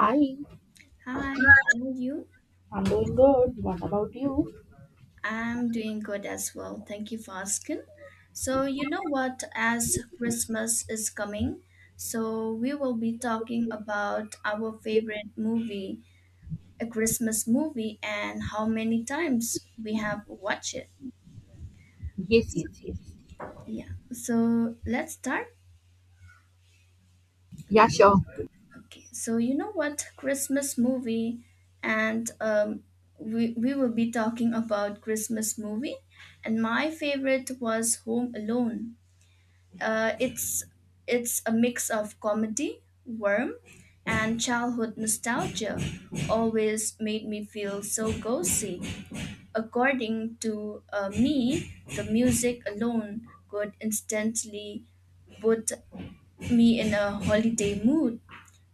Hi, Hi, how are you? I'm doing good. What about you? I'm doing good as well. Thank you for asking. So, you know what? As Christmas is coming, so we will be talking about our favorite movie, a Christmas movie, and how many times we have watched it. Yes, yes, yes. Yeah. So, let's start. Yeah, sure. Okay. So, you know what? Christmas movie, and we will be talking about Christmas movie, and my favorite was Home Alone. Uh, it's it's a mix of comedy, warmth, and childhood nostalgia. Always made me feel so cozy. According to me, the music alone could instantly put me in a holiday mood.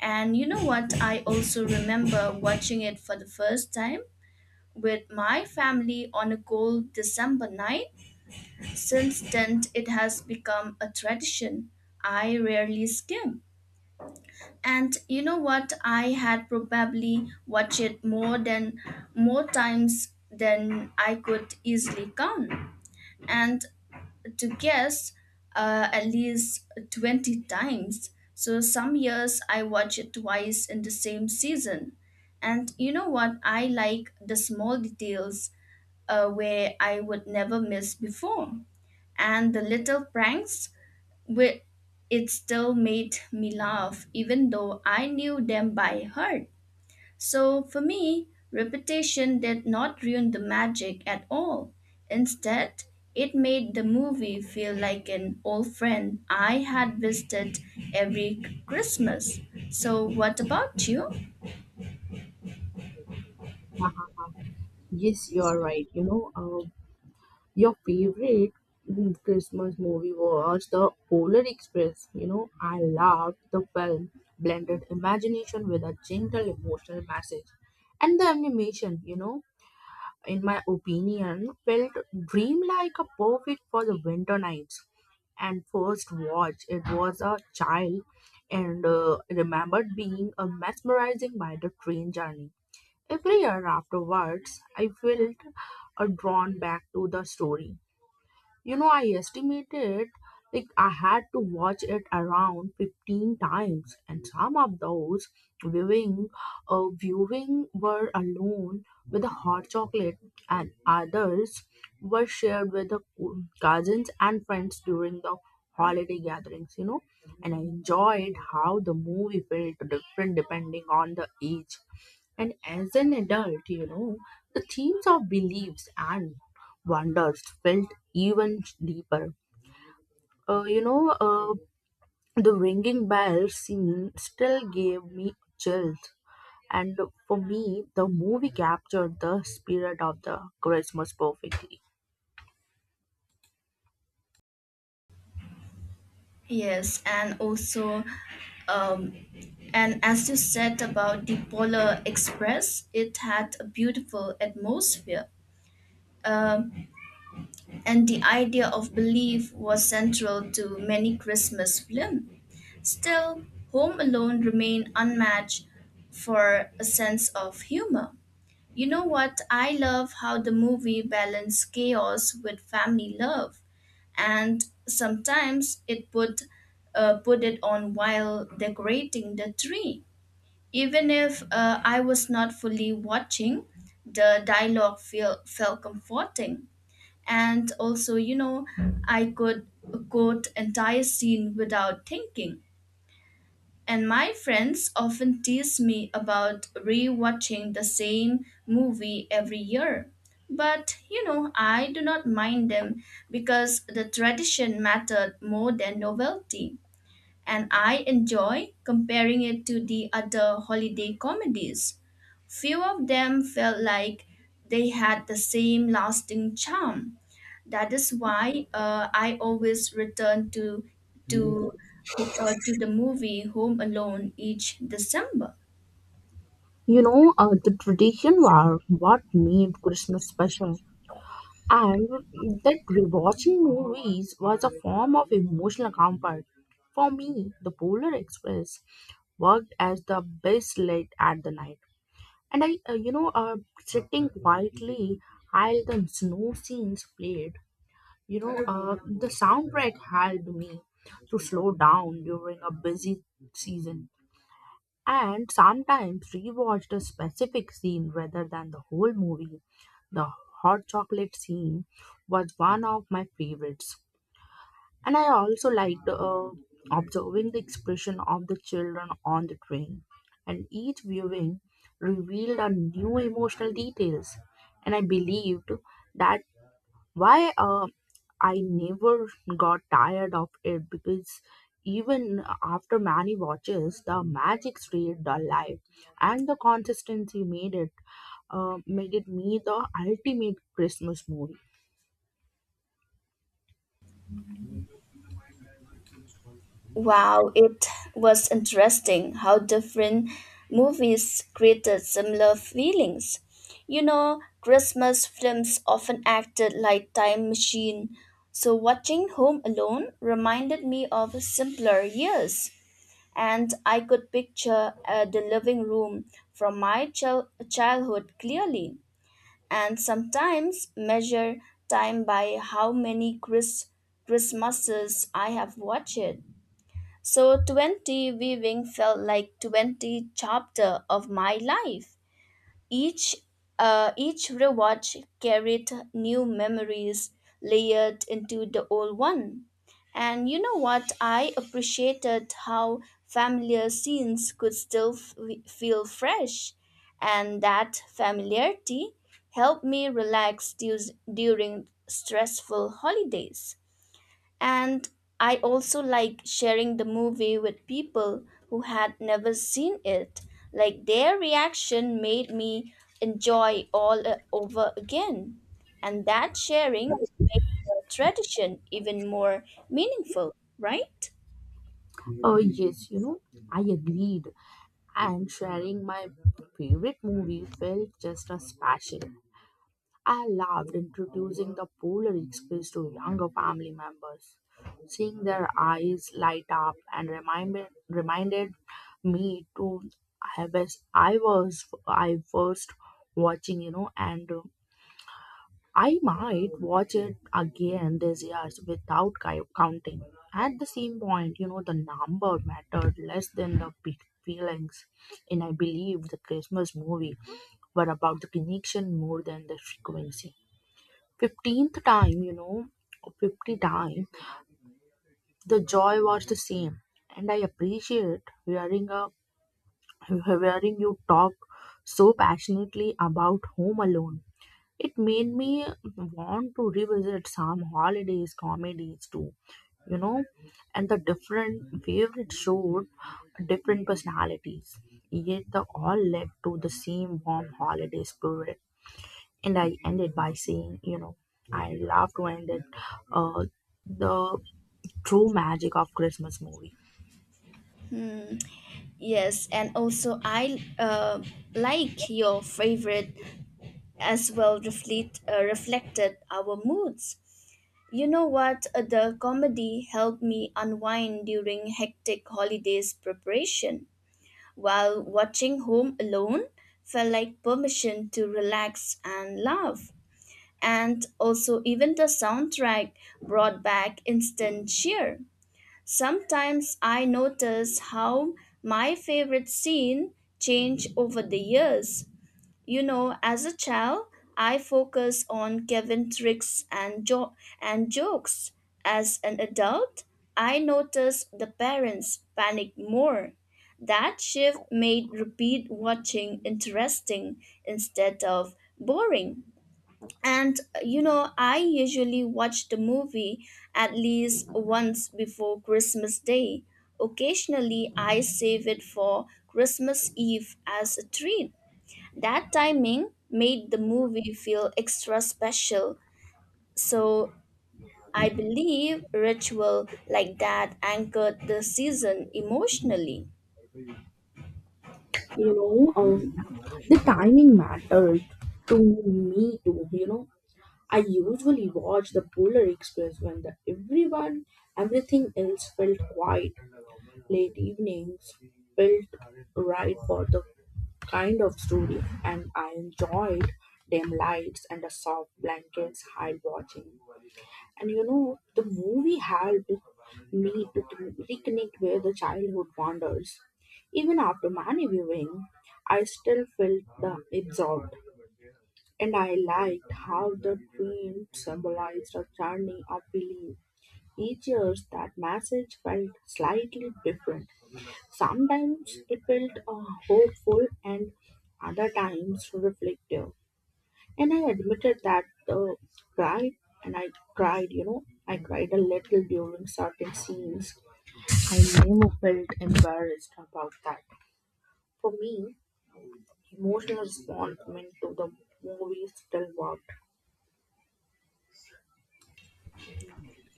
And you know what? I also remember watching it for the first time with my family on a cold December night. Since then, it has become a tradition. I rarely skim. And you know what? I had probably watched it more times than I could easily count. And to guess, at least 20 times. So some years I watch it twice in the same season. And you know what? I like the small details where I would never miss before. And the little pranks, where it still made me laugh, even though I knew them by heart. So for me, repetition did not ruin the magic at all. Instead, it made the movie feel like an old friend I had visited every Christmas. So what about you? Yes, you are right. Your favorite Christmas movie was The Polar Express. You know, I loved the film, blended imagination with a gentle emotional message. And the animation, you know, in my opinion, felt dreamlike a perfect for the winter nights. And first watch it was a child and remembered being mesmerizing by the train journey every year afterwards I felt drawn back to the story. You know, I estimated like I had to watch it around 15 times, and some of those viewing, uh, viewing were alone with a hot chocolate, and others were shared with the cousins and friends during the holiday gatherings. You know, and I enjoyed how the movie felt different depending on the age. And as an adult, you know, the themes of beliefs and wonders felt even deeper. Uh, you know, uh, the ringing bell scene still gave me chills. And for me, the movie captured the spirit of the Christmas perfectly. Yes, and also, um, and as you said about the Polar Express, it had a beautiful atmosphere. Um, and the idea of belief was central to many Christmas films. Still, Home Alone remained unmatched for a sense of humor. You know what? I love how the movie balanced chaos with family love, and sometimes it put it on while decorating the tree. Even if I was not fully watching, the dialogue felt comforting. And also, you know, I could quote entire scene without thinking, and my friends often tease me about rewatching the same movie every year. But you know, I do not mind them, because the tradition mattered more than novelty. And I enjoy comparing it to the other holiday comedies. Few of them felt like they had the same lasting charm. That is why I always return to to the movie Home Alone each December. You know, the tradition were what made Christmas special. And that rewatching movies was a form of emotional comfort. For me, the Polar Express worked as the best light at the night. And sitting quietly while the snow scenes played, you know, the soundtrack helped me to slow down during a busy season, and sometimes rewatched a specific scene rather than the whole movie. The hot chocolate scene was one of my favorites, and I also liked observing the expression of the children on the train, and each viewing revealed a new emotional details. And I believed that why I never got tired of it, because even after many watches, the magic stayed alive, and the consistency made it me the ultimate Christmas movie. Wow, it was interesting how different movies created similar feelings. You know, Christmas films often acted like time machine, so watching Home Alone reminded me of simpler years, and I could picture the living room from my childhood clearly, and sometimes measure time by how many Christmases I have watched. So 20 weaving felt like 20 chapter of my life. Each each rewatch carried new memories layered into the old one. And you know what? I appreciated how familiar scenes could still feel fresh. And that familiarity helped me relax during stressful holidays. And I also like sharing the movie with people who had never seen it. Like their reaction made me enjoy all over again. And that sharing makes the tradition even more meaningful, right? Oh yes, you know, I agreed, and sharing my favorite movie felt just as special. I loved introducing the Polar Express to younger family members. Seeing their eyes light up and reminded me to I first watching, you know, and I might watch it again this year without counting. At the same point, you know, the number mattered less than the big feelings. And I believe the Christmas movie were about the connection more than the frequency. 15th time, you know, 50 time, the joy was the same. And I appreciate hearing you talk so passionately about Home Alone. It made me want to revisit some holidays comedies too, you know, and the different favorite showed different personalities, yet they all led to the same warm holiday spirit. And I ended by saying, you know, I love to end it, uh, the true magic of Christmas movie. Hmm. Yes, and also I like your favorite as well reflected our moods. You know what? The comedy helped me unwind during hectic holidays preparation, while watching Home Alone felt like permission to relax and laugh. And also, even the soundtrack brought back instant cheer. Sometimes I notice how my favorite scene change over the years. You know, as a child, I focused on Kevin tricks and jokes. As an adult, I noticed the parents panic more. That shift made repeat watching interesting instead of boring. And you know, I usually watch the movie at least once before Christmas Day. Occasionally, I save it for Christmas Eve as a treat. That timing made the movie feel extra special, so I believe ritual like that anchored the season emotionally. You know, um, the timing mattered to me too, you know. I usually watch the Polar Express when everything else felt quiet. Late evenings felt right for the kind of story, and I enjoyed dim lights and the soft blankets while watching. And you know, the movie helped me to reconnect with the childhood wonders. Even after many viewing, I still felt the absorbed. And I liked how the train symbolized a journey of belief. Each year, that message felt slightly different. Sometimes it felt hopeful, and other times reflective. And I admitted that cried, and I cried, you know, I cried a little during certain scenes. I never felt embarrassed about that. For me, emotional response meant to the movie still worked.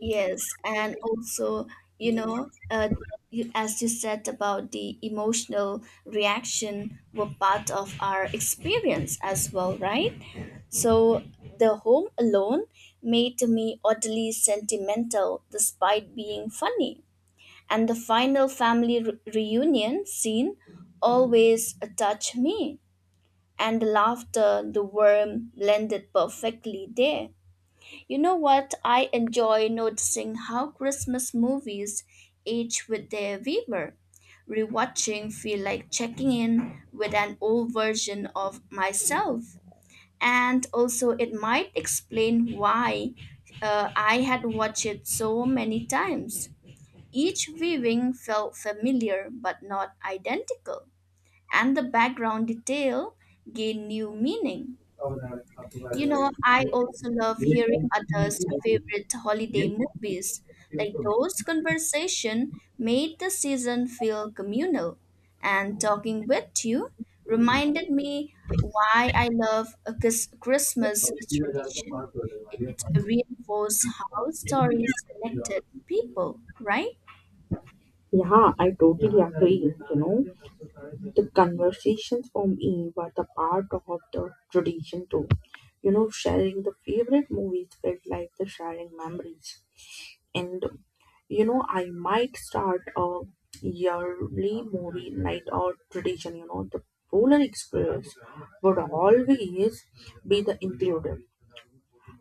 Yes, and also, you know, as you said about the emotional reaction were part of our experience as well, right? So the home alone made me oddly sentimental despite being funny. And the final family reunion scene always touched me. And the laughter, the worm blended perfectly there. You know what? I enjoy noticing how Christmas movies age with their viewer. Rewatching feel like checking in with an old version of myself. And also it might explain why I had watched it so many times. Each weaving felt familiar but not identical, and the background detail gained new meaning. You know, I also love hearing others' favorite holiday movies. Like those conversation made the season feel communal, and talking with you reminded me why I love a Christmas tradition. It reinforced how stories connected people, right? Yeah, I totally agree. You know, the conversations for me were the part of the tradition too. You know, sharing the favorite movies felt like the sharing memories. And you know, I might start a yearly movie night or tradition. You know, the Polar Express would always be the included.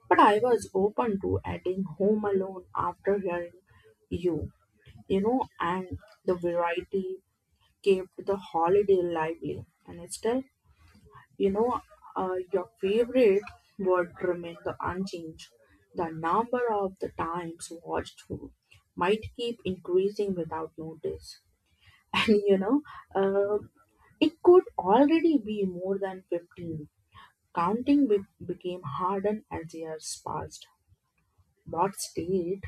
But I was open to adding Home Alone after hearing you, you know, and the variety kept the holiday lively. And instead, you know, your favorite would remain the unchanged. The number of the times watched through might keep increasing without notice. And you know, uh, it could already be more than 15. Counting be- Became harder as years passed. But stayed,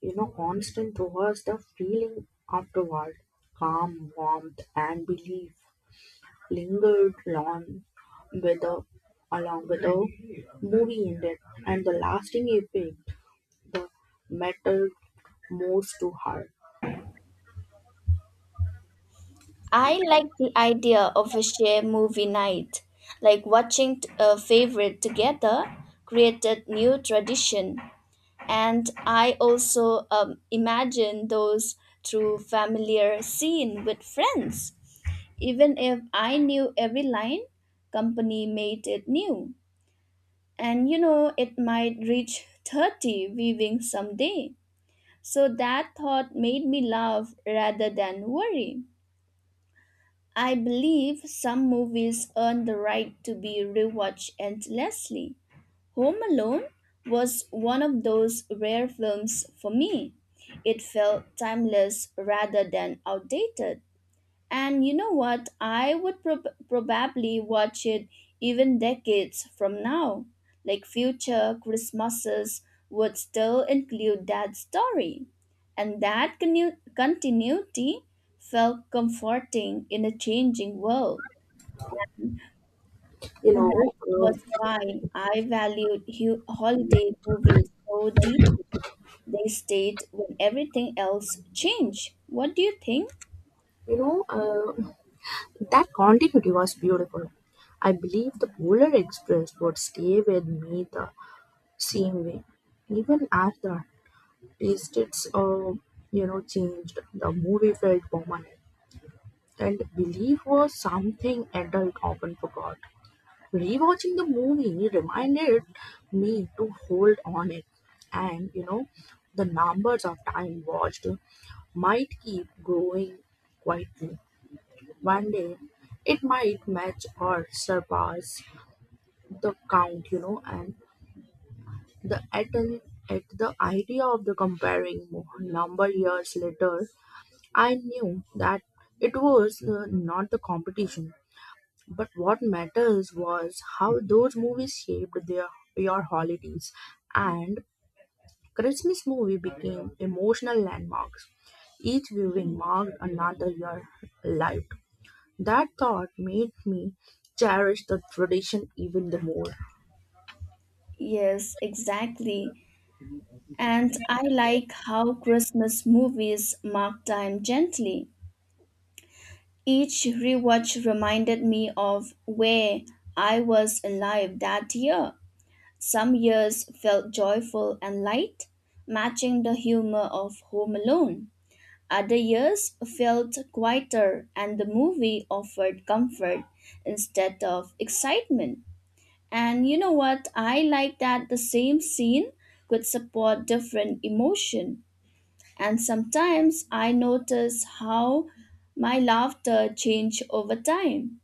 you know, constant towards the feeling afterward. Calm, warmth, and belief lingered long with the, along with the movie ended, and the lasting effect the mattered most to her. I like the idea of a shared movie night, like watching a favorite together, created new tradition. And I also imagine those through familiar scene with friends. Even if I knew every line, company made it new. And you know, it might reach 30 viewing someday. So that thought made me laugh rather than worry. I believe some movies earn the right to be rewatched endlessly. Home Alone was one of those rare films for me. It felt timeless rather than outdated. And you know what? I would probably watch it even decades from now. Like future Christmases would still include that story. And that continuity felt comforting in a changing world. you And that know, um, was why I valued holiday movies so deeply. They stayed when everything else changed. What do you think? you know, uh, that continuity was beautiful. I believe the Polar Express would stay with me the same way, even after tastes you know changed. The movie felt permanent, and belief was something adult often forgot. Rewatching the movie reminded me to hold on it. And you know, the numbers of time watched might keep growing quietly. One day it might match or surpass the count, you know. And the at, an, at the idea of the comparing number years later, I knew that it was not the competition, but what matters was how those movies shaped their your holidays. And Christmas movie became emotional landmarks. Each viewing marked another year life. That thought made me cherish the tradition even the more. Yes, exactly. And I like how Christmas movies mark time gently. Each rewatch reminded me of where I was alive that year. Some years felt joyful and light, matching the humor of Home Alone. Other years felt quieter, and the movie offered comfort instead of excitement. And you know what? I like that the same scene could support different emotion. And sometimes I notice how my laughter changed over time.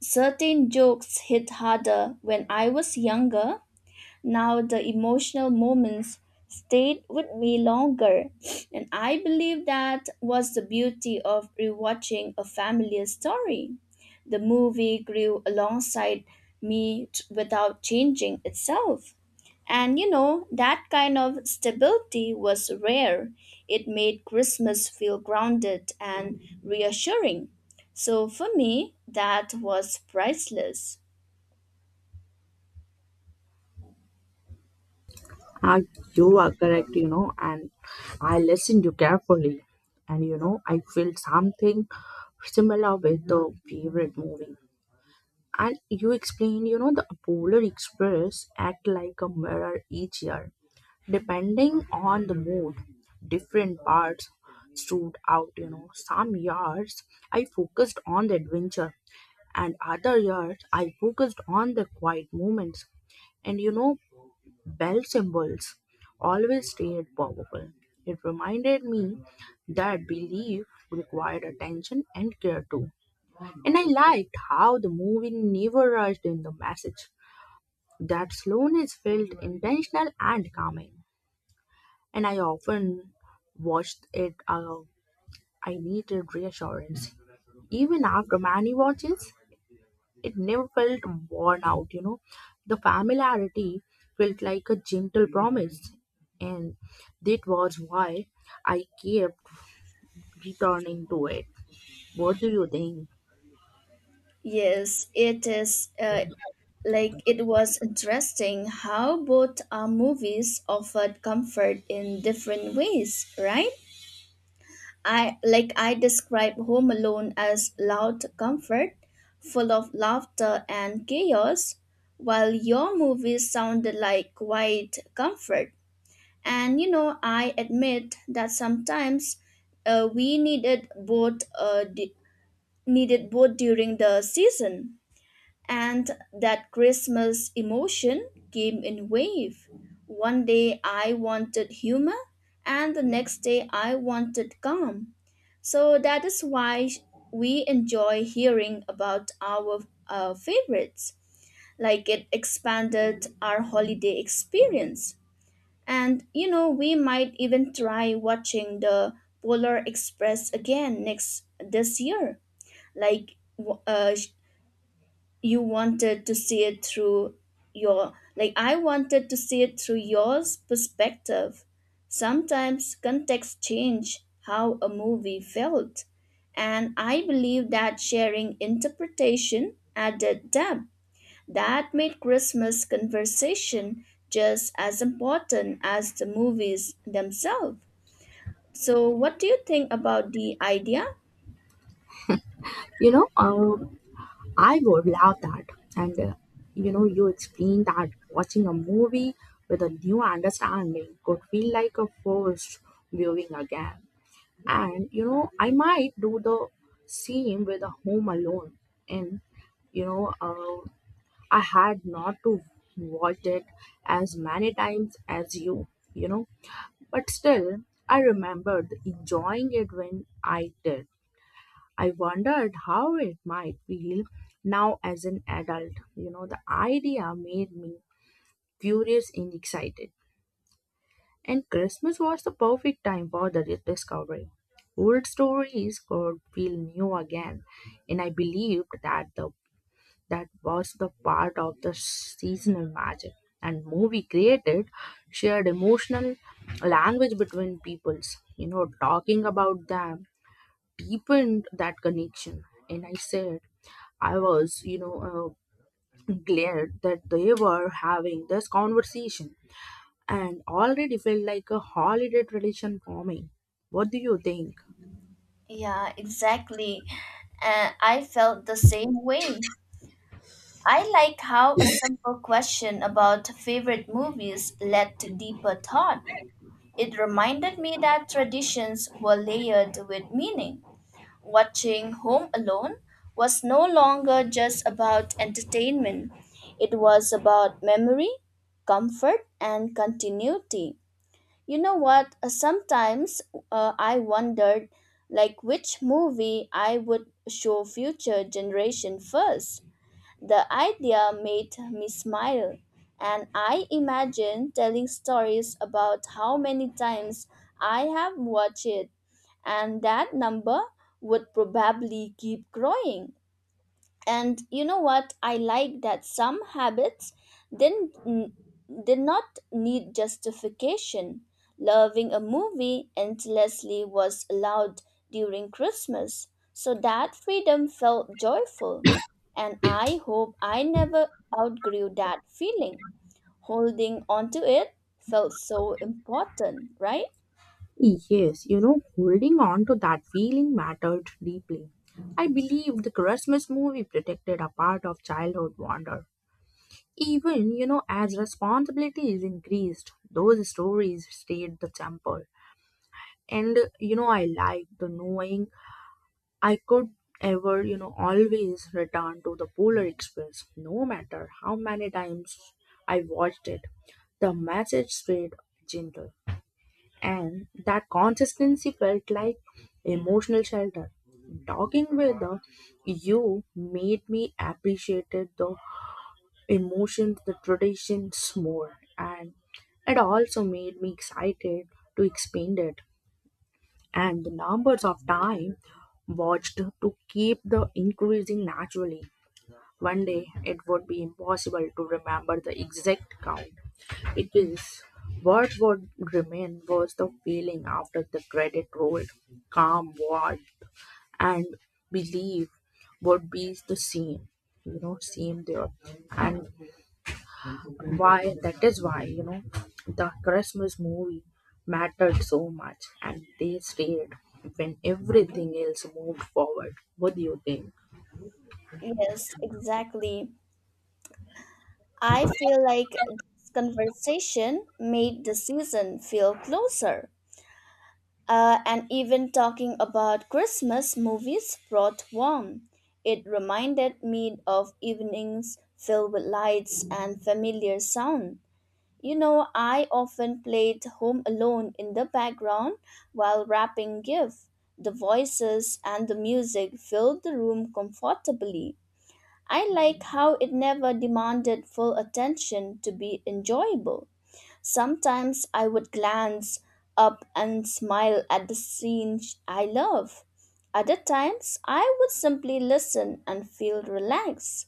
Certain jokes hit harder when I was younger. Now the emotional moments stayed with me longer, and I believe that was the beauty of rewatching a familiar story. The movie grew alongside me without changing itself. And you know, that kind of stability was rare. It made Christmas feel grounded and reassuring. So for me, that was priceless. Ah, you are correct, you know, and I listened you carefully. And you know, I felt something similar with the favorite movie. And you explained, you know, the Polar Express act like a mirror each year. Depending on the mood, different parts stood out, you know. Some years I focused on the adventure, and other years I focused on the quiet moments. And you know, bell symbols always stayed powerful. It reminded me that belief required attention and care too. And I liked how the movie never rushed in the message. That slowness felt intentional and calming. And I often watched it alone. I needed reassurance. Even after many watches, it never felt worn out, you know. The familiarity felt like a gentle promise. And that was why I kept returning to it. What do you think? Yes, it is. Like it was interesting how both movies offered comfort in different ways, right? I like I describe Home Alone as loud comfort, full of laughter and chaos, while your movies sounded like quiet comfort. And you know, I admit that sometimes we needed both during the season. And that Christmas emotion came in wave. One day I wanted humor and the next day I wanted calm. So that is why we enjoy hearing about our favorites. Like it expanded our holiday experience. And you know, we might even try watching the Polar Express again next this year. Like you wanted to see it through your, like, I wanted to see it through yours perspective. Sometimes context change how a movie felt, and I believe that sharing interpretation added depth that made Christmas conversation just as important as the movies themselves. So what do you think about the idea? You know, um, I would love that. And you know, you explained that watching a movie with a new understanding could feel like a first viewing again. And you know, I might do the same with a Home Alone. And you know, I had not to watch it as many times as you. You know, but still, I remembered enjoying it when I did. I wondered how it might feel now as an adult. You know, the idea made me curious and excited. And Christmas was the perfect time for the rediscovery. Old stories could feel new again, and I believed that the that was the part of the seasonal magic. And movie created shared emotional language between peoples. You know, talking about them deepened that connection. And I said I was, you know, glad that they were having this conversation and already felt like a holiday tradition forming. What do you think? Yeah, exactly. I felt the same way. I like how a simple question about favorite movies led to deeper thought. It reminded me that traditions were layered with meaning. Watching Home Alone was no longer just about entertainment, it was about memory, comfort, and continuity. You know what? Sometimes I wondered like which movie I would show future generation first. The idea made me smile, and I imagine telling stories about how many times I have watched it, and that number would probably keep growing. And you know what? I like that some habits didn't n- did not need justification. Loving a movie endlessly was allowed during Christmas. So that freedom felt joyful, and I hope I never outgrew that feeling. Holding onto it felt so important, right? Yes, you know, holding on to that feeling mattered deeply. I believe the Christmas movie protected a part of childhood wonder. Even, you know, as responsibilities increased, those stories stayed the temple. And, you know, I like the knowing I could you know, always return to the Polar Express, no matter how many times I watched it. The message stayed gentle, and that consistency felt like emotional shelter. Talking with the, you made me appreciated the emotions, the traditions more, and it also made me excited to expand it, and the numbers of time watched to keep the increasing naturally. One day it would be impossible to remember the exact count. It is what would remain was the feeling after the credit rolled. Calm ward, and belief would be the same, you know, same there. And why that is why you know the Christmas movie mattered so much, and they stayed when everything else moved forward. What do you think? Yes, exactly. I feel like this conversation made the season feel closer. And even talking about Christmas movies brought warmth. It reminded me of evenings filled with lights and familiar sound. You know, I often played Home Alone in the background while wrapping gifts. The voices and the music filled the room comfortably. I like how it never demanded full attention to be enjoyable. Sometimes I would glance up and smile at the scene I love. Other times I would simply listen and feel relaxed.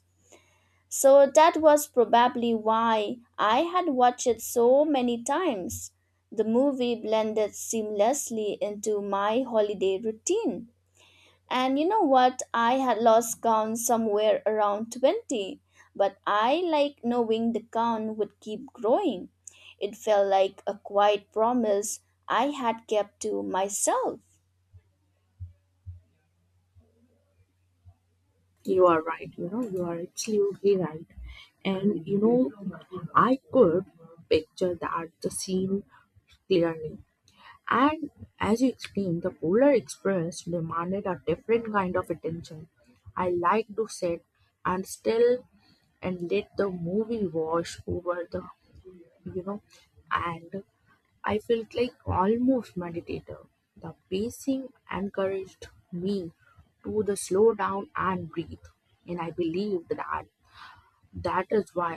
So that was probably why I had watched it so many times. The movie blended seamlessly into my holiday routine. And you know what? I had lost count somewhere around 20, but I like knowing the count would keep growing. It felt like a quiet promise I had kept to myself. You are right, you know, you are absolutely right. And you know, I could picture that the scene clearly. And as you explained, the Polar Express demanded a different kind of attention. I like to sit and still and let the movie wash over the, you know. And I felt like almost meditative. The pacing encouraged me to the slow down and breathe, and I believe that that is why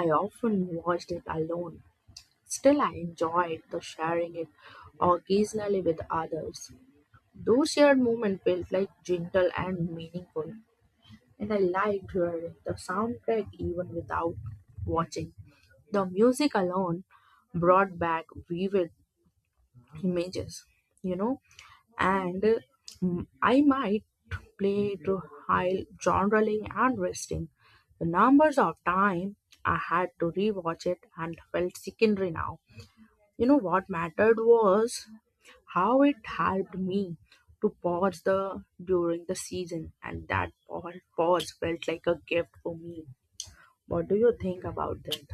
I often watched it alone. Still, I enjoyed the sharing it occasionally with others. Those shared moments felt like gentle and meaningful, and I liked hearing the soundtrack even without watching. The music alone brought back vivid images, you know. And I might play to high genreling and resting. The numbers of time I had to rewatch it and felt secondary now. You know what mattered was how it helped me to pause the during the season, and that pause felt like a gift for me. What do you think about that?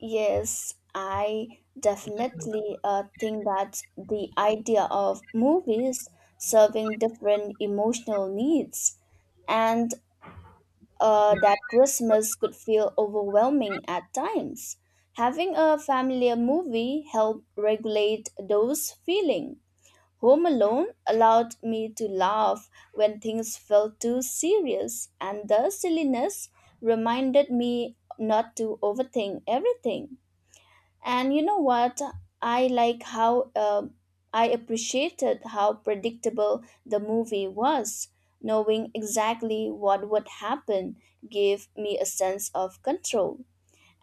Yes, I definitely think that the idea of movies serving different emotional needs, and that Christmas could feel overwhelming at times. Having a familiar movie helped regulate those feelings. Home Alone allowed me to laugh when things felt too serious, and the silliness reminded me not to overthink everything. And you know what? I like how uh, I appreciated how predictable the movie was. Knowing exactly what would happen gave me a sense of control.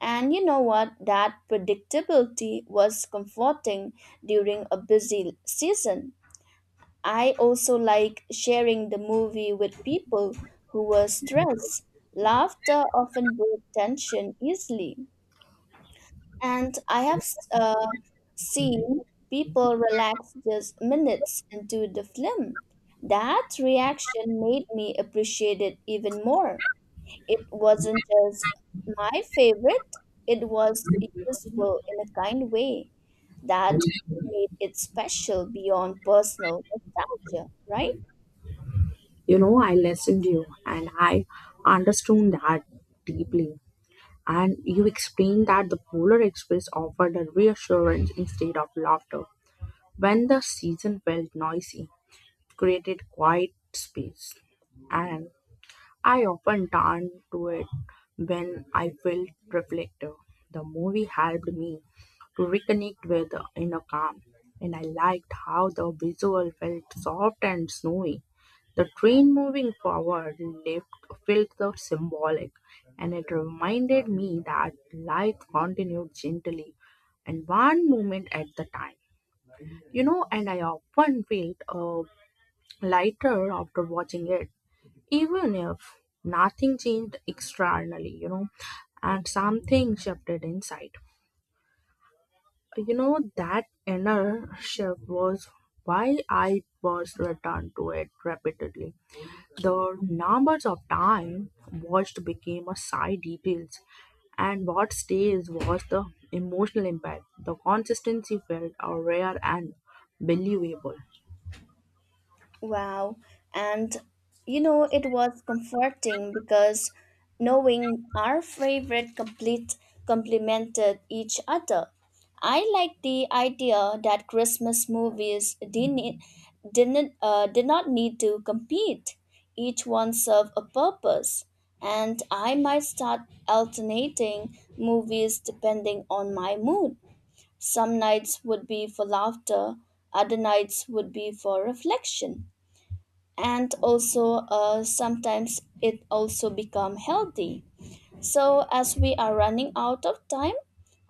And you know what? That predictability was comforting during a busy season. I also like sharing the movie with people who were stressed. Laughter often broke tension easily. And I have uh, seen people relax just minutes into the film. That reaction made me appreciate it even more. It wasn't just my favorite, it was useful in a kind way that made it special beyond personal nostalgia, right? You know, I listened to you, and I understood that deeply. And you explained that the Polar Express offered a reassurance instead of laughter. When the season felt noisy, it created quiet space. And I often turn to it when I feel reflective. The movie helped me to reconnect with the inner calm, and I liked how the visual felt soft and snowy. The train moving forward left felt the symbolic, and it reminded me that life continued gently and one moment at the time. You know, and I often felt lighter after watching it, even if nothing changed externally, you know, and something shifted inside. You know, that inner shift was why I was returned to it repeatedly. The numbers of time watched became a side details, and what stays was the emotional impact. The consistency felt a rare and believable. Wow. And you know, it was comforting because knowing our favorite complete complemented each other. I like the idea that Christmas movies didn't, e, didn't did not need to compete. Each one served a purpose, and I might start alternating movies depending on my mood. Some nights would be for laughter, other nights would be for reflection. And also, sometimes it also become healthy. So as we are running out of time,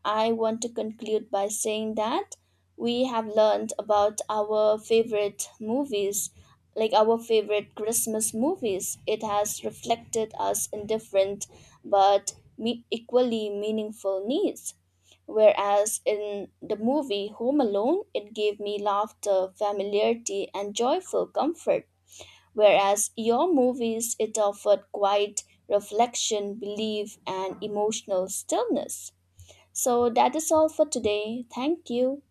I want to conclude by saying that we have learned about our favorite movies. Like our favorite Christmas movies, it has reflected us in different but equally meaningful needs. Whereas in the movie Home Alone, it gave me laughter, familiarity, and joyful comfort. Whereas your movies, it offered quiet reflection, belief, and emotional stillness. So that is all for today. Thank you.